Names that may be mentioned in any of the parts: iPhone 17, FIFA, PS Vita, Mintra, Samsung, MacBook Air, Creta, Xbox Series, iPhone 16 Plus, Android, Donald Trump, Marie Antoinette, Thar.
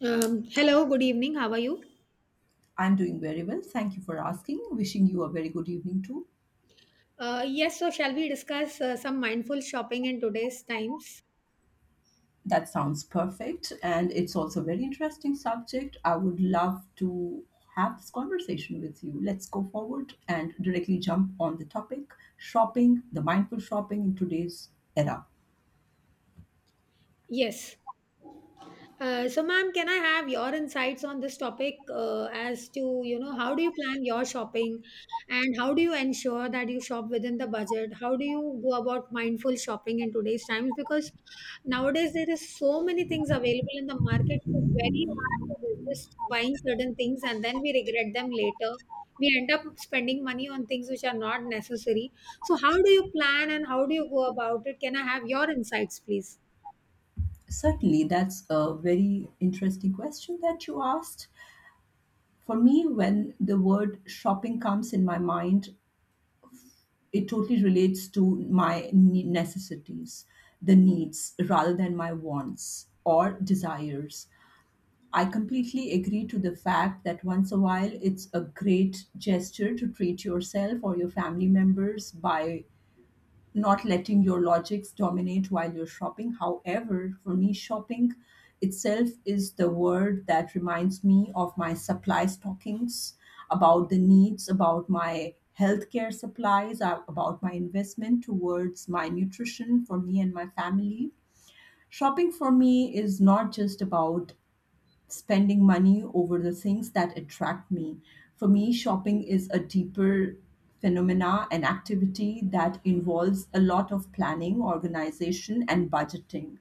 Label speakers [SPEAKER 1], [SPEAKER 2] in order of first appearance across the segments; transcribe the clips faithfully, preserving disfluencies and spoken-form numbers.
[SPEAKER 1] Um, hello, good evening. How are you?
[SPEAKER 2] I'm doing very well. Thank you for asking. Wishing you a very good evening too.
[SPEAKER 1] Uh, yes, so shall we discuss uh, some mindful shopping in today's times?
[SPEAKER 2] That sounds perfect. And it's also a very interesting subject. I would love to have this conversation with you. Let's go forward and directly jump on the topic shopping, the mindful shopping in today's era.
[SPEAKER 1] Yes. Uh, so, ma'am, can I have your insights on this topic uh, as to, you know, how do you plan your shopping and how do you ensure that you shop within the budget? How do you go about mindful shopping in today's times? Because nowadays there is so many things available in the market. It's very hard to resist buying certain things and then we regret them later. We end up spending money on things which are not necessary. So, how do you plan and how do you go about it? Can I have your insights, please?
[SPEAKER 2] Certainly, that's a very interesting question that you asked. For me, when the word shopping comes in my mind, it totally relates to my ne- necessities, the needs rather than my wants or desires. I completely agree to the fact that once a while it's a great gesture to treat yourself or your family members by not letting your logics dominate while you're shopping. However, for me, shopping itself is the word that reminds me of my supply stockings, about the needs, about my healthcare supplies, uh, about my investment towards my nutrition for me and my family. Shopping for me is not just about spending money over the things that attract me. For me, shopping is a deeper phenomena, an activity that involves a lot of planning, organization, and budgeting.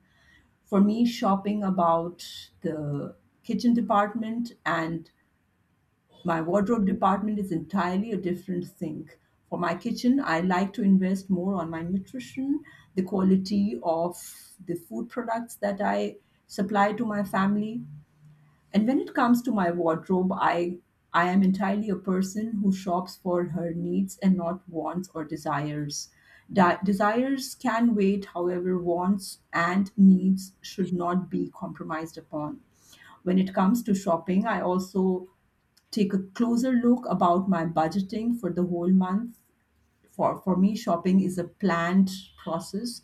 [SPEAKER 2] For me, shopping about the kitchen department and my wardrobe department is entirely a different thing. For my kitchen, I like to invest more on my nutrition, the quality of the food products that I supply to my family. And when it comes to my wardrobe, I I am entirely a person who shops for her needs and not wants or desires. Di- desires can wait, however, wants and needs should not be compromised upon. When it comes to shopping, I also take a closer look about my budgeting for the whole month. For for me, shopping is a planned process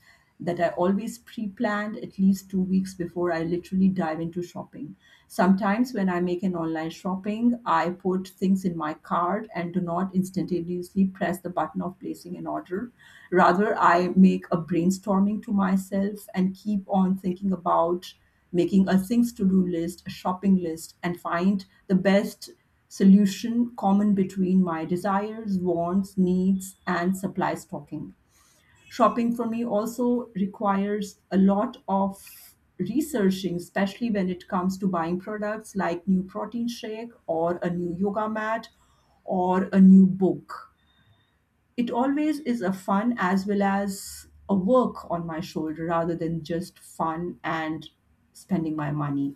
[SPEAKER 2] that I always pre-planned at least two weeks before I literally dive into shopping. Sometimes when I make an online shopping, I put things in my cart and do not instantaneously press the button of placing an order. Rather, I make a brainstorming to myself and keep on thinking about making a things to do list, a shopping list, and find the best solution common between my desires, wants, needs, and supply stocking. Shopping for me also requires a lot of researching, especially when it comes to buying products like new protein shake or a new yoga mat or a new book. It always is a fun as well as a work on my shoulder rather than just fun and spending my money.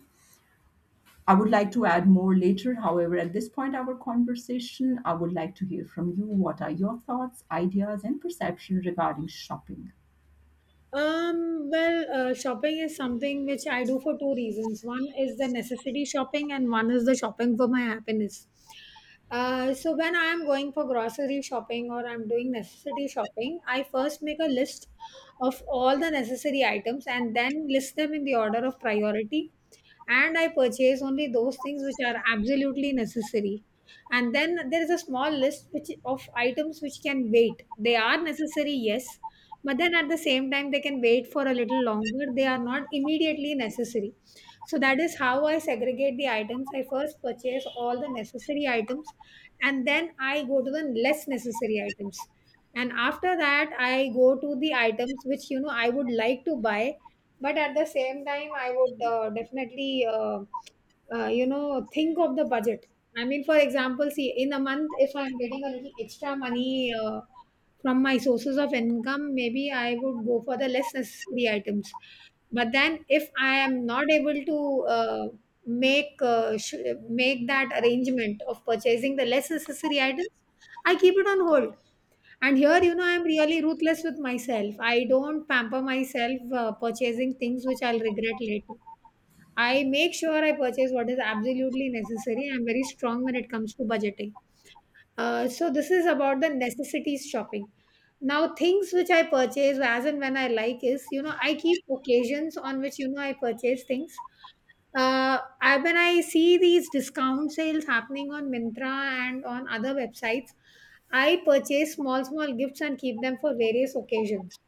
[SPEAKER 2] I would like to add more later. However, at this point, our conversation, I would like to hear from you. What are your thoughts, ideas, and perception regarding shopping?
[SPEAKER 1] Um, well, uh, shopping is something which I do for two reasons. One is the necessity shopping, and one is the shopping for my happiness. Uh, so when I am going for grocery shopping or I'm doing necessity shopping, I first make a list of all the necessary items and then list them in the order of priority and I purchase only those things which are absolutely necessary. And then there is a small list which of items which can wait. They are necessary, yes, but then at the same time they can wait for a little longer. They are not immediately necessary. So that is how I segregate the items. I first purchase all the necessary items and then I go to the less necessary items. And after that, I go to the items which you know I would like to buy but at the same time I would uh, definitely uh, uh, you know, think of the budget. I mean, for example, see, in a month, if I'm getting a little extra money uh, from my sources of income, maybe I would go for the less necessary items. But then if I am not able to uh, make uh, sh- make that arrangement of purchasing the less necessary items, I keep it on hold. And here, you know, I'm really ruthless with myself. I don't pamper myself uh, purchasing things which I'll regret later. I make sure I purchase what is absolutely necessary. I'm very strong when it comes to budgeting. Uh, so, this is about the necessities shopping. Now, things which I purchase as and when I like is, you know, I keep occasions on which, you know, I purchase things uh, I, when I see these discount sales happening on Mintra and on other websites, I purchase small, small gifts and keep them for various occasions.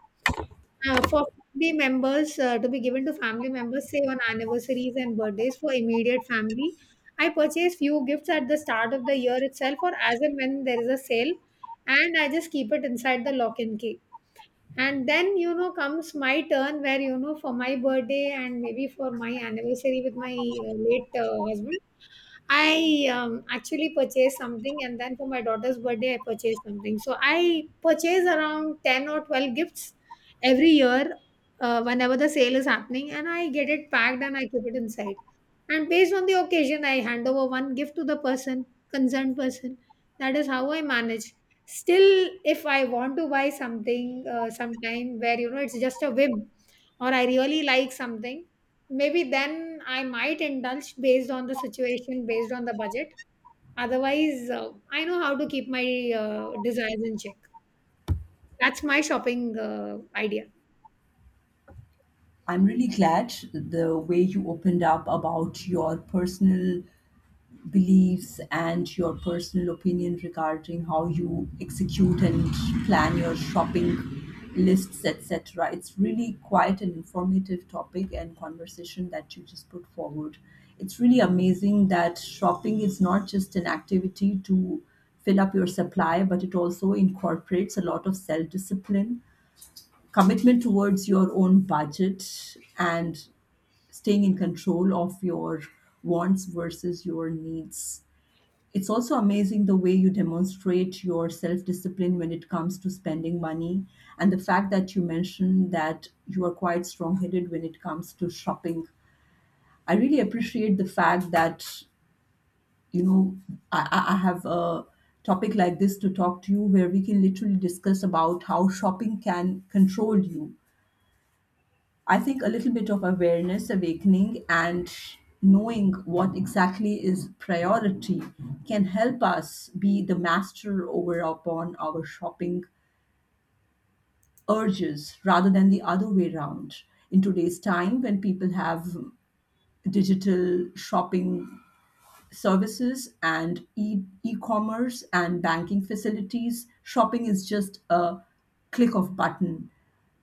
[SPEAKER 1] Uh, for family members, uh, to be given to family members, say on anniversaries and birthdays for immediate family, I purchase few gifts at the start of the year itself or as and when there is a sale, and I just keep it inside the lock and key. And then, you know, comes my turn where, you know, for my birthday and maybe for my anniversary with my uh, late uh, husband, I um, actually purchased something, and then for my daughter's birthday I purchased something. So I purchase around ten or twelve gifts every year, uh, whenever the sale is happening, and I get it packed and I keep it inside, and based on the occasion I hand over one gift to the person, concerned person. That is how I manage. Still, if I want to buy something uh, sometime, where, you know, it's just a whim, or I really like something, maybe then I might indulge based on the situation, based on the budget. Otherwise, uh, I know how to keep my uh, desires in check. That's my shopping uh, idea.
[SPEAKER 2] I'm really glad the way you opened up about your personal beliefs and your personal opinion regarding how you execute and plan your shopping lists, et cetera. It's really quite an informative topic and conversation that you just put forward. It's really amazing that shopping is not just an activity to fill up your supply, but it also incorporates a lot of self discipline, commitment towards your own budget, and staying in control of your wants versus your needs. It's also amazing the way you demonstrate your self discipline when it comes to spending money, and the fact that you mentioned that you are quite strong headed when it comes to shopping. I really appreciate the fact that, you know, I, I I have a topic like this to talk to you where we can literally discuss about how shopping can control you. I think a little bit of awareness, awakening, and knowing what exactly is priority can help us be the master over upon our shopping urges rather than the other way around. In today's time, when people have digital shopping services and e- e-commerce and banking facilities, shopping is just a click of button.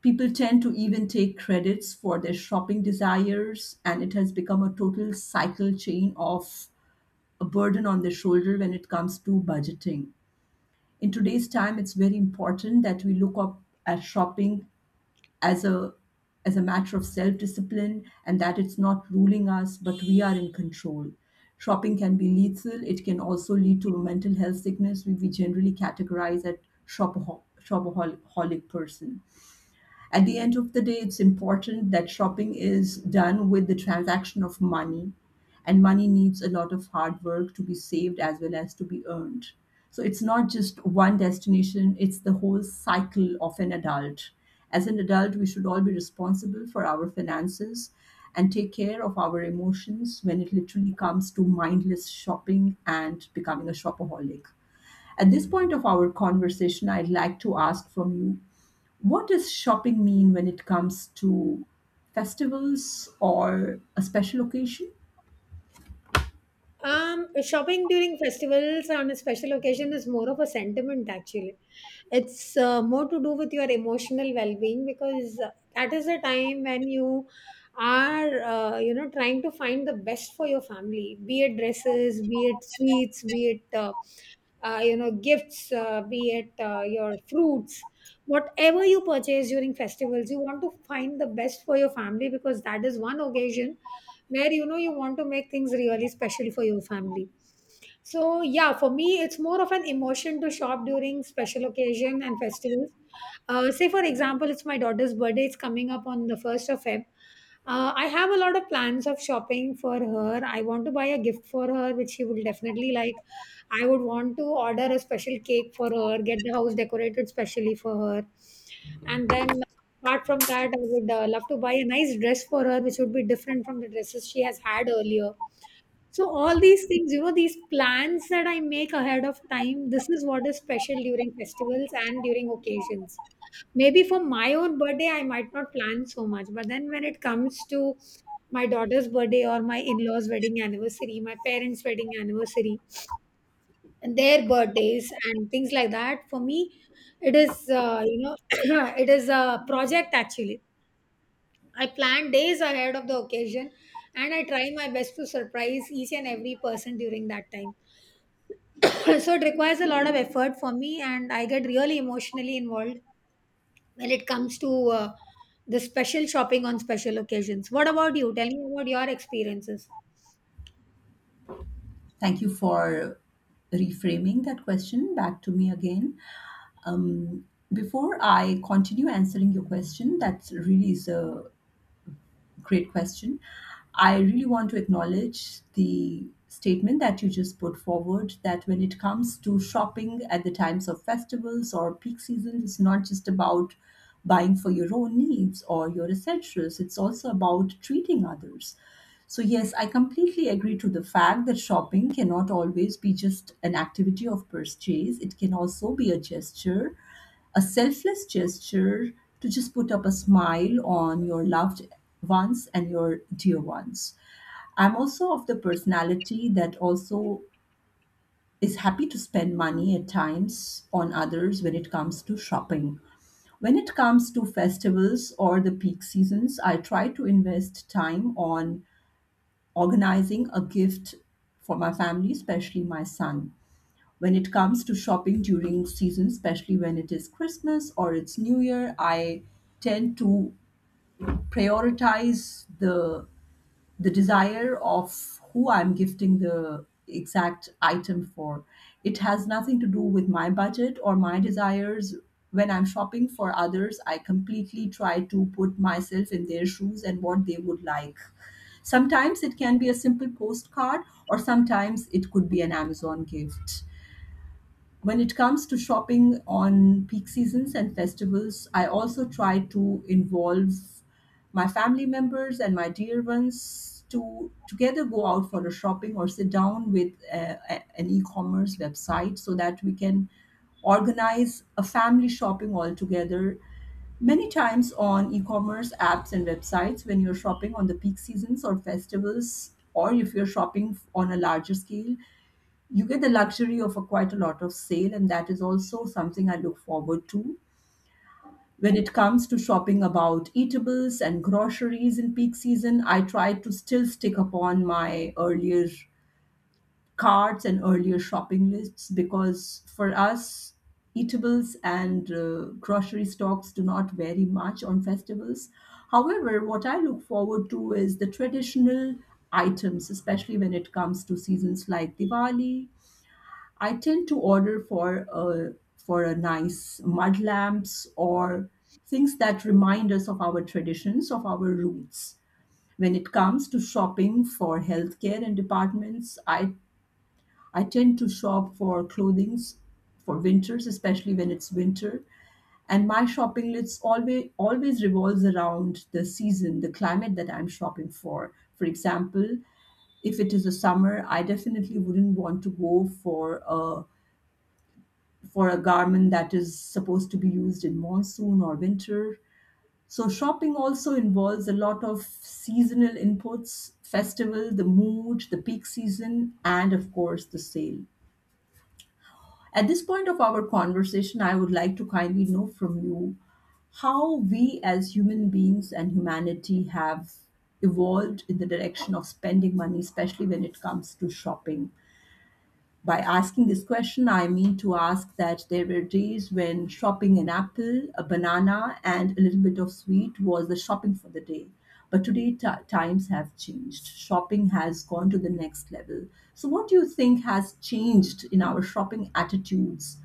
[SPEAKER 2] People tend to even take credits for their shopping desires, and it has become a total cycle chain of a burden on their shoulder when it comes to budgeting. In today's time, it's very important that we look up at shopping as a as a matter of self-discipline and that it's not ruling us, but we are in control. Shopping can be lethal. It can also lead to a mental health sickness. We, we generally categorize as shopahol- shopaholic person. At the end of the day, it's important that shopping is done with the transaction of money, and money needs a lot of hard work to be saved as well as to be earned. So it's not just one destination, it's the whole cycle of an adult. As an adult, we should all be responsible for our finances and take care of our emotions when it literally comes to mindless shopping and becoming a shopaholic. At this point of our conversation, I'd like to ask from you, what does shopping mean when it comes to festivals or a special occasion?
[SPEAKER 1] Um, shopping during festivals on a special occasion is more of a sentiment, actually. It's uh, more to do with your emotional well-being, because uh, that is the time when you are uh, you know, trying to find the best for your family, be it dresses, be it sweets, be it uh, uh, you know, gifts, uh, be it uh, your fruits. Whatever you purchase during festivals, you want to find the best for your family, because that is one occasion where, you know, you want to make things really special for your family. So yeah, for me it's more of an emotion to shop during special occasion and festivals. Uh, say, for example, it's my daughter's birthday. It's coming up on the first of Feb. uh, I have a lot of plans of shopping for her. I want to buy a gift for her which she will definitely like. I would want to order a special cake for her, get the house decorated specially for her. And then, apart from that, I would uh, love to buy a nice dress for her, which would be different from the dresses she has had earlier. So, all these things, you know, these plans that I make ahead of time, this is what is special during festivals and during occasions. Maybe for my own birthday, I might not plan so much, but then when it comes to my daughter's birthday or my in law's wedding anniversary, my parents' wedding anniversary, and their birthdays and things like that, for me it is, uh, you know, it is a project, actually. I plan days ahead of the occasion, and I try my best to surprise each and every person during that time. So it requires a lot of effort for me, and I get really emotionally involved when it comes to uh, the special shopping on special occasions. What about you? Tell me about your experiences.
[SPEAKER 2] Thank you for reframing that question back to me again. Um, Before I continue answering your question, that really is a great question. I really want to acknowledge the statement that you just put forward that when it comes to shopping at the times of festivals or peak seasons, it's not just about buying for your own needs or your essentials, it's also about treating others. So, yes, I completely agree to the fact that shopping cannot always be just an activity of purchase. It can also be a gesture a selfless gesture to just put up a smile on your loved ones and your dear ones. I'm also of the personality that also is happy to spend money at times on others when it comes to shopping. When it comes to festivals or the peak seasons, I try to invest time on organizing a gift for my family, especially my son. When it comes to shopping during season, especially when it is Christmas or it's New Year, I tend to prioritize the the desire of who I'm gifting the exact item for. It has nothing to do with my budget or my desires. When I'm shopping for others, I completely try to put myself in their shoes and what they would like. Sometimes it can be a simple postcard, or sometimes it could be an Amazon gift. When it comes to shopping on peak seasons and festivals, I also try to involve my family members and my dear ones to together go out for a shopping or sit down with uh, a- an e-commerce website so that we can organize a family shopping all together. Many times on e-commerce apps and websites when you're shopping on the peak seasons or festivals or if you're shopping on a larger scale, you get the luxury of a quite a lot of sale, and that is also something I look forward to. When it comes to shopping about eatables and groceries in peak season, I try to still stick upon my earlier carts and earlier shopping lists because for us eatables and uh, grocery stocks do not vary much on festivals. However, what I look forward to is the traditional items, especially when it comes to seasons like Diwali. I tend to order for a for a nice mud lamps or things that remind us of our traditions, of our roots. When it comes to shopping for healthcare and departments, I I tend to shop for clothings for winters, especially when it's winter. And my shopping list always always revolves around the season, the climate that I'm shopping for. For example, if it is a summer, I definitely wouldn't want to go for a for a garment that is supposed to be used in monsoon or winter. So shopping also involves a lot of seasonal inputs, festival, the mood, the peak season, and of course the sale. At this point of our conversation, I would like to kindly know from you, how we as human beings and humanity have evolved in the direction of spending money, especially when it comes to shopping. By asking this question, I mean to ask that there were days when shopping an apple, a banana, and a little bit of sweet was the shopping for the day. But today, t- times have changed. Shopping has gone to the next level. So, what do you think has changed in our shopping attitudes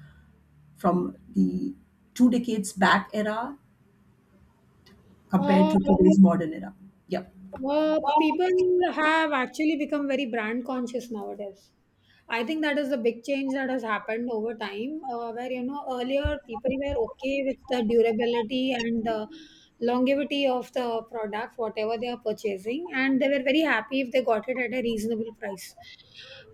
[SPEAKER 2] from the two decades back era compared to today's modern era? Yeah.
[SPEAKER 1] Uh, people have actually become very brand conscious nowadays. I think that is the big change that has happened over time, uh, where, you know, earlier people were okay with the durability and the longevity of the product, whatever they are purchasing, and they were very happy if they got it at a reasonable price.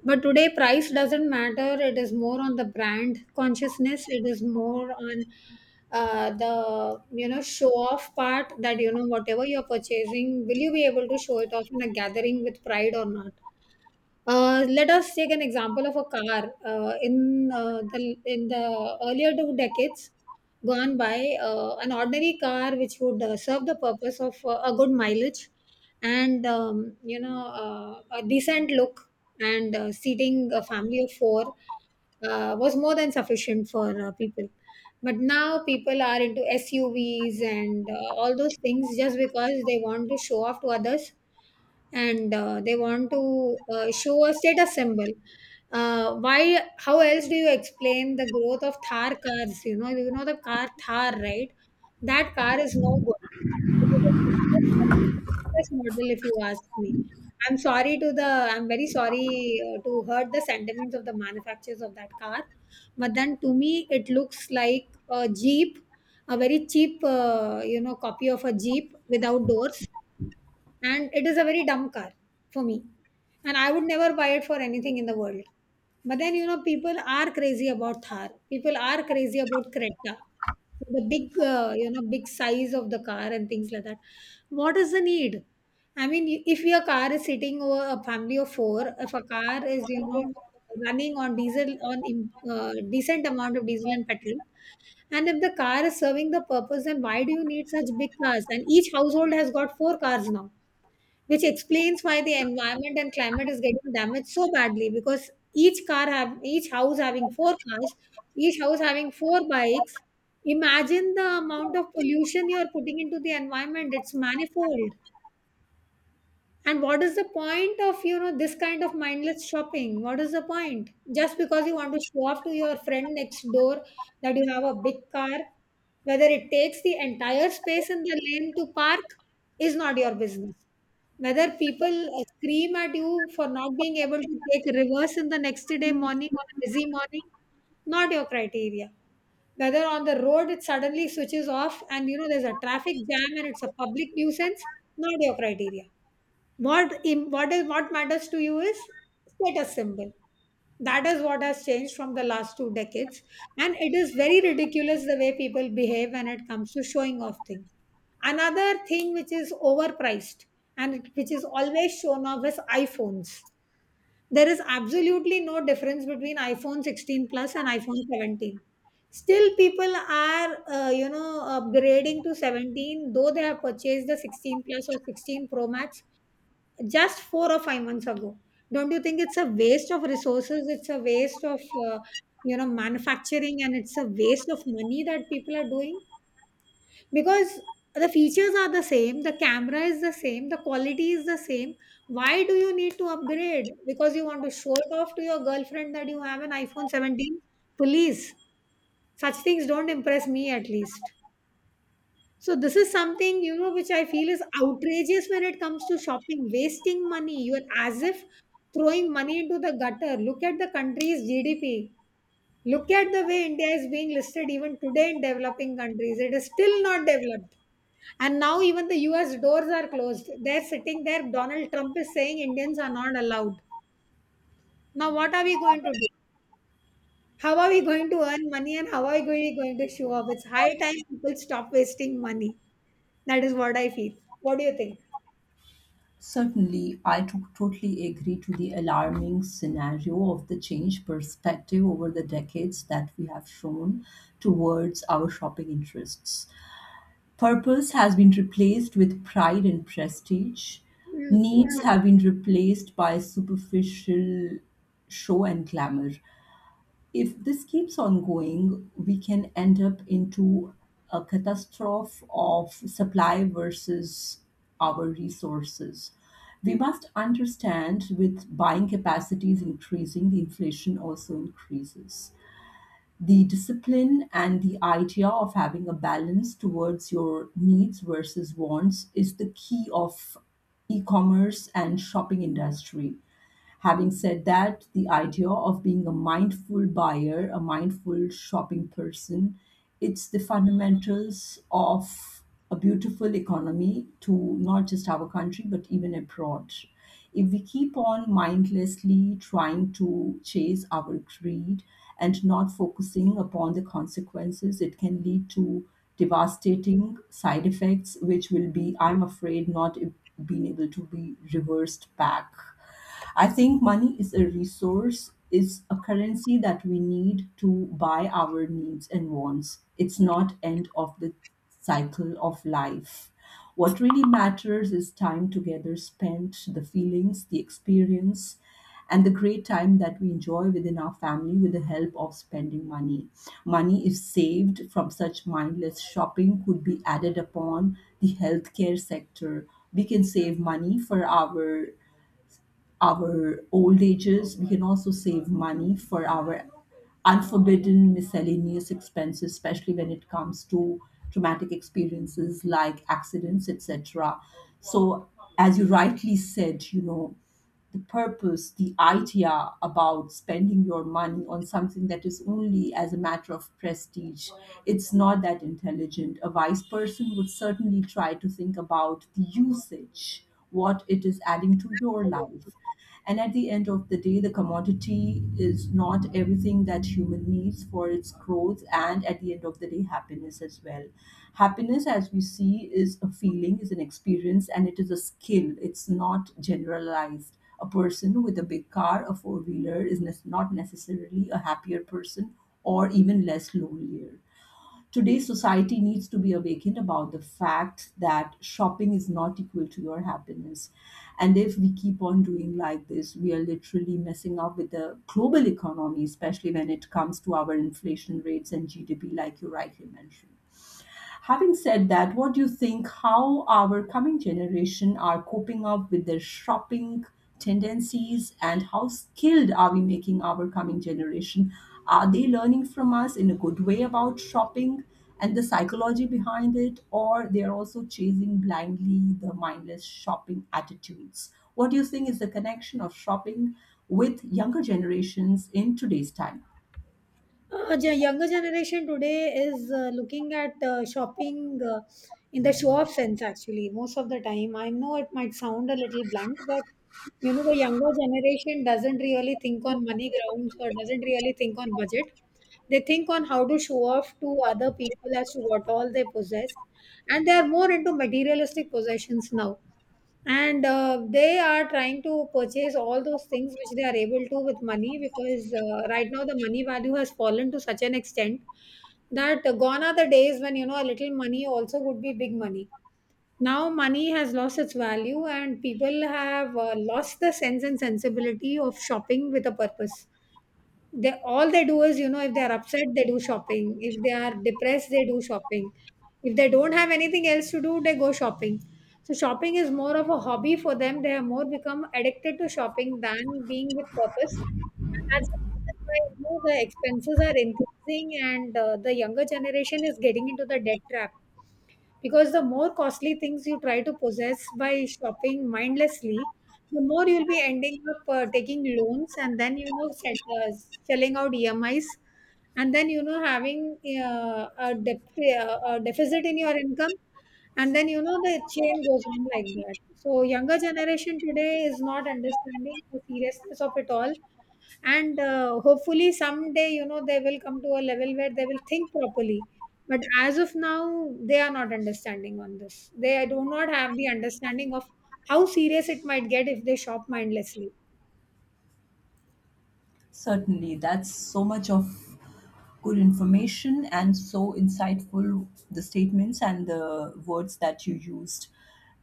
[SPEAKER 1] But today, price doesn't matter. It is more on the brand consciousness. It is more on uh, the, you know, show off part that, you know, whatever you're purchasing, will you be able to show it off in a gathering with pride or not? Uh, let us take an example of a car. Uh, in uh, the in the earlier two decades gone by, uh, an ordinary car which would uh, serve the purpose of uh, a good mileage and um, you know, uh, a decent look, and uh, seating a family of four uh, was more than sufficient for uh, people. But now people are into S U Vs and, uh, all those things just because they want to show off to others, and uh, they want to uh, show a status symbol. Uh, why? How else do you explain the growth of Thar cars? You know, you know the car Thar, right? That car is no good. This model, if you ask me, I'm sorry to the. I'm very sorry uh, to hurt the sentiments of the manufacturers of that car, but then to me, it looks like a Jeep, a very cheap, uh, you know, copy of a Jeep without doors, and it is a very dumb car for me. And I would never buy it for anything in the world. But then, you know, people are crazy about Thar. People are crazy about Creta. The big, uh, you know, big size of the car and things like that. What is the need? I mean, if your car is sitting over a family of four, if a car is, you know, running on diesel, on im- uh, decent amount of diesel and petrol, and if the car is serving the purpose, then why do you need such big cars? And each household has got four cars now, which explains why the environment and climate is getting damaged so badly, because each car have each house having four cars, each house having four bikes. Imagine the amount of pollution you are putting into the environment. It's manifold. And what is the point of, you know, this kind of mindless shopping? What is the point? Just because you want to show off to your friend next door that you have a big car, whether it takes the entire space in the lane to park is not your business. Whether people uh, scream at you for not being able to take a reverse in the next day morning on a busy morning, not your criteria. Whether on the road it suddenly switches off and you know there's a traffic jam and it's a public nuisance, not your criteria. What im- what is, what matters to you is status symbol. That is what has changed from the last two decades, and it is very ridiculous the way people behave when it comes to showing off things. Another thing which is overpriced and it- which is always shown off is iphones. There is absolutely no difference between iphone sixteen plus and iphone seventeen, still people are uh, you know upgrading to seventeen though they have purchased the sixteen plus or sixteen pro max just four or five months ago. Don't you think it's a waste of resources? It's a waste of uh, you know manufacturing, and it's a waste of money that people are doing, because the features are the same, the camera is the same, the quality is the same. Why do you need to upgrade? Because you want to show it off to your girlfriend that you have an iphone seventeen. Please, such things don't impress me at least. So this is something, you know, which I feel is outrageous when it comes to shopping, wasting money. You are as if throwing money into the gutter. Look at the country's G D P. Look at the way India is being listed even today in developing countries. It is still not developed. And now even the U S doors are closed. They're sitting there. Donald Trump is saying Indians are not allowed. Now what are we going to do? How are we going to earn money and how are we going to show up? It's high time people stop wasting money. That is what I feel. What do you think?
[SPEAKER 2] Certainly, I to- totally agree to the alarming scenario of the change perspective over the decades that we have shown towards our shopping interests. Purpose has been replaced with pride and prestige.
[SPEAKER 1] Mm.
[SPEAKER 2] Needs have been replaced by superficial show and glamour. If this keeps on going, we can end up into a catastrophe of supply versus our resources. We must understand with buying capacities increasing, the inflation also increases. The discipline and the idea of having a balance towards your needs versus wants is the key of e-commerce and shopping industry. Having said that, the idea of being a mindful buyer, a mindful shopping person, it's the fundamentals of a beautiful economy to not just our country but even abroad. If we keep on mindlessly trying to chase our greed and not focusing upon the consequences, it can lead to devastating side effects, which will be, I'm afraid, not being able to be reversed back. I think money is a resource, it's a currency that we need to buy our needs and wants. It's not end of the cycle of life. What really matters is time together spent, the feelings, the experience, and the great time that we enjoy within our family with the help of spending money. Money, if saved from such mindless shopping, could be added upon the healthcare sector. We can save money for our our old ages. We can also save money for our unforbidden miscellaneous expenses, especially when it comes to traumatic experiences like accidents, et cetera. So, as you rightly said, you know, the purpose, the idea about spending your money on something that is only as a matter of prestige, it's not that intelligent. A wise person would certainly try to think about the usage, what it is adding to your life. And at the end of the day, the commodity is not everything that human needs for its growth and at the end of the day, happiness as well. Happiness, as we see, is a feeling, is an experience, and it is a skill. It's not generalized. A person with a big car, a four wheeler, is nes- not necessarily a happier person or even less lonelier. Today's society needs to be awakened about the fact that shopping is not equal to your happiness. And if we keep on doing like this, we are literally messing up with the global economy, especially when it comes to our inflation rates and G D P, like you rightly mentioned. Having said that, what do you think how our coming generation are coping up with their shopping tendencies and how skilled are we making our coming generation? Are they learning from us in a good way about shopping and the psychology behind it or they are also chasing blindly the mindless shopping attitudes? What do you think is the connection of shopping with younger generations in today's time?
[SPEAKER 1] Uh, the younger generation today is uh, looking at uh, shopping uh, in the show-off sense, actually, most of the time. I know it might sound a little blunt, but you know, the younger generation doesn't really think on money grounds or doesn't really think on budget. They think on how to show off to other people as to what all they possess, and they are more into materialistic possessions now. And uh, they are trying to purchase all those things which they are able to with money, because uh, right now the money value has fallen to such an extent that uh, gone are the days when, you know, a little money also would be big money. Now money has lost its value and people have uh, lost the sense and sensibility of shopping with a purpose. They, all they do is, you know, if they are upset they do shopping, if they are depressed they do shopping, if they don't have anything else to do they go shopping. So shopping is more of a hobby for them. They have more become addicted to shopping than being with purpose, and that's the reason why, you know, the expenses are increasing and uh, the younger generation is getting into the debt trap. Because the more costly things you try to possess by shopping mindlessly, the more you'll be ending up uh, taking loans and then, you know, set, uh, selling out emis, and then, you know, having uh, a, def- uh, a deficit in your income, and then, you know, the chain goes on like that. So younger generation today is not understanding the seriousness of it all, and uh, hopefully someday, you know, they will come to a level where they will think properly. But as of now they are not understanding on this. They do not have the understanding of how serious it might get if they shop mindlessly.
[SPEAKER 2] Certainly, that's so much of good information and so insightful the statements and the words that you used.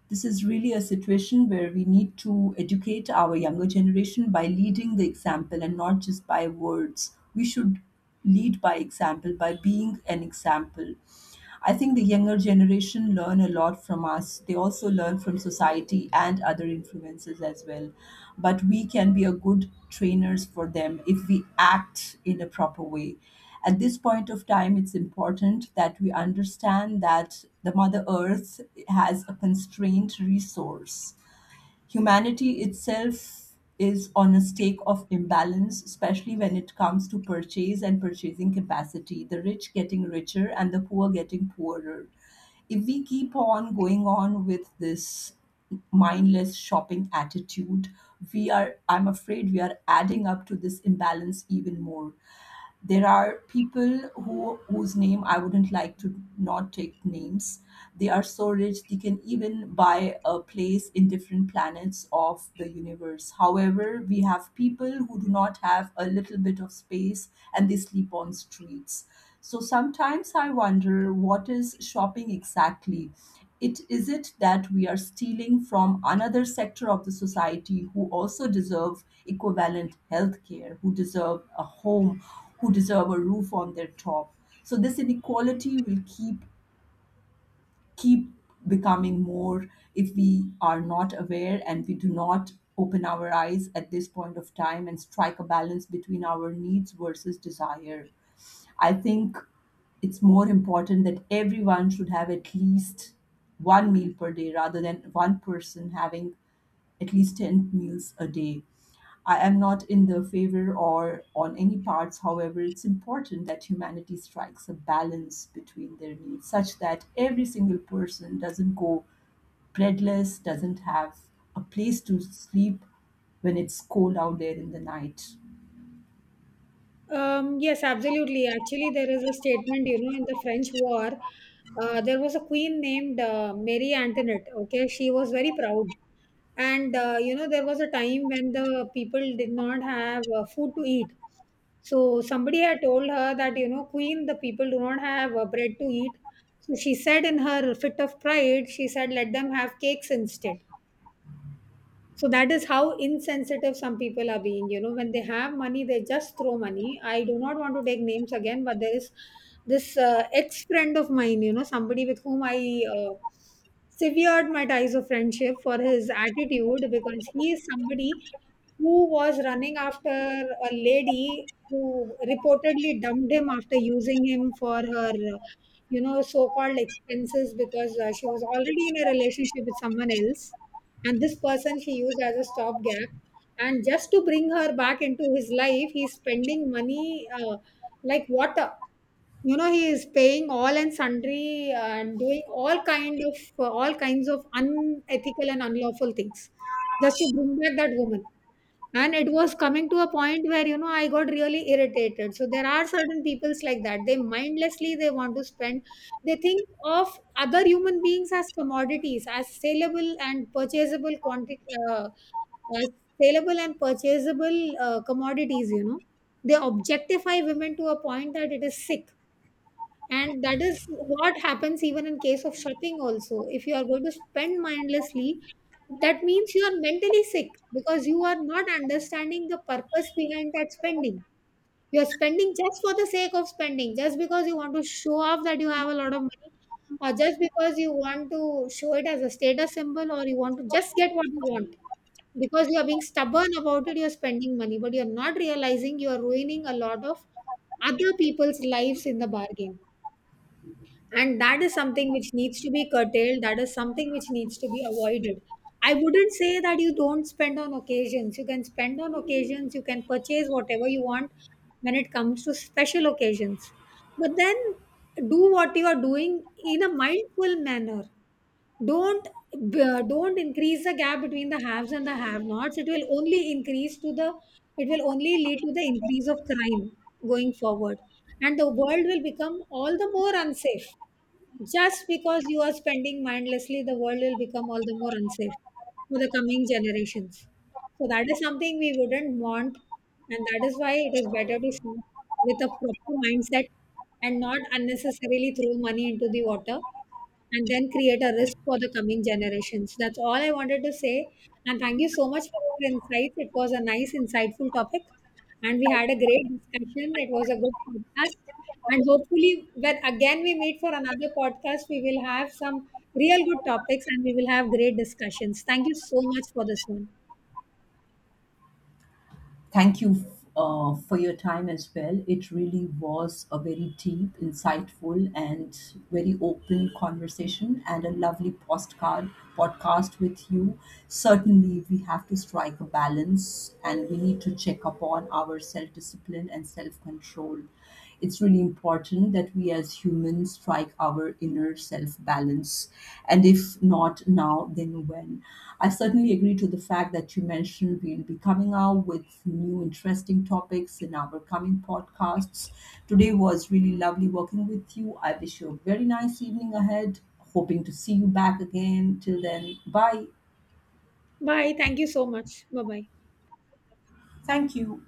[SPEAKER 2] This is really a situation where we need to educate our younger generation by leading the example and not just by words. We should lead by example, by being an example. I think the younger generation learn a lot from us. They also learn from society and other influences as well. But we can be a good trainers for them if we act in a proper way. At this point of time, it's important that we understand that the Mother Earth has a constrained resource. Humanity itself is on a stake of imbalance, especially when it comes to purchase and purchasing capacity, the rich getting richer and the poor getting poorer. If we keep on going on with this mindless shopping attitude, we are, I'm afraid, we are adding up to this imbalance even more. There are people who whose name I wouldn't like to not take names. They are so rich they can even buy a place in different planets of the universe. However, we have people who do not have a little bit of space and they sleep on streets. So sometimes I wonder what is shopping exactly? It is it that we are stealing from another sector of the society who also deserve equivalent health care, who deserve a home, who deserve a roof on their top. So this inequality will keep keep becoming more if we are not aware and we do not open our eyes at this point of time and strike a balance between our needs versus desire. I think it's more important that everyone should have at least one meal per day rather than one person having at least ten meals a day. I am not in the favor or on any parts. However, it's important that humanity strikes a balance between their needs such that every single person doesn't go breadless, doesn't have a place to sleep when it's cold out there in the night.
[SPEAKER 1] Um, yes, absolutely. Actually, there is a statement, you know, in the French War, uh, there was a queen named uh, Marie Antoinette. Okay, she was very proud. And uh, you know, there was a time when the people did not have uh, food to eat. So somebody had told her that, you know, Queen, the people do not have uh, bread to eat. So she said in her fit of pride, she said, let them have cakes instead. So that is how insensitive some people are being. You know, when they have money, they just throw money. I do not want to take names again, but there is this uh, ex friend of mine, you know, somebody with whom I uh, severed my ties of friendship for his attitude, because he is somebody who was running after a lady who reportedly dumped him after using him for her, uh, you know, so called expenses, because uh, she was already in a relationship with someone else, and this person he used as a stopgap. And just to bring her back into his life, he's spending money uh, like water. You know, he is paying all and sundry, uh, and doing all kind of uh, all kinds of unethical and unlawful things just to bring back that woman. And it was coming to a point where, you know, I got really irritated. So there are certain peoples like that, they mindlessly they want to spend. They think of other human beings as commodities, as saleable and purchasable quantity, uh, as saleable and purchasable uh, commodities, you know. They objectify women to a point that it is sick. And that is what happens even in case of shopping also. If you are going to spend mindlessly, that means you are mentally sick, because you are not understanding the purpose behind that spending. You are spending just for the sake of spending, just because you want to show off that you have a lot of money, or just because you want to show it as a status symbol, or you want to just get what you want because you are being stubborn about it. You're spending money, but you're not realizing you are ruining a lot of other people's lives in the bargain. And that is something which needs to be curtailed, that is something which needs to be avoided. I wouldn't say that you don't spend on occasions. You can spend on occasions, you can purchase whatever you want when it comes to special occasions. But then, do what you are doing in a mindful manner. Don't uh, don't increase the gap between the haves and the have nots. It will only increase to the it will only lead to the increase of crime going forward, and the world will become all the more unsafe. Just because you are spending mindlessly, the world will become all the more unsafe for the coming generations. So that is something we wouldn't want, and that is why it is better to shop with a proper mindset and not unnecessarily throw money into the water and then create a risk for the coming generations. That's all I wanted to say. And thank you so much for your insights. It was a nice, insightful topic. And we had a great discussion. It was a good podcast. And hopefully, when again we meet for another podcast, we will have some real good topics and we will have great discussions. Thank you so much for this one.
[SPEAKER 2] Thank you uh, for your time as well. It really was a very deep, insightful, and very open conversation, and a lovely postcard podcast with you. Certainly, we have to strike a balance, and we need to check upon our self discipline and self control. It's really important that we as humans strike our inner self balance. And if not now, then when? I certainly agree to the fact that you mentioned we'll be coming out with new interesting topics in our coming podcasts. Today was really lovely working with you. I wish you a very nice evening ahead. Hoping to see you back again. Till then, bye.
[SPEAKER 1] Bye. Thank you so much. Bye bye.
[SPEAKER 2] Thank you.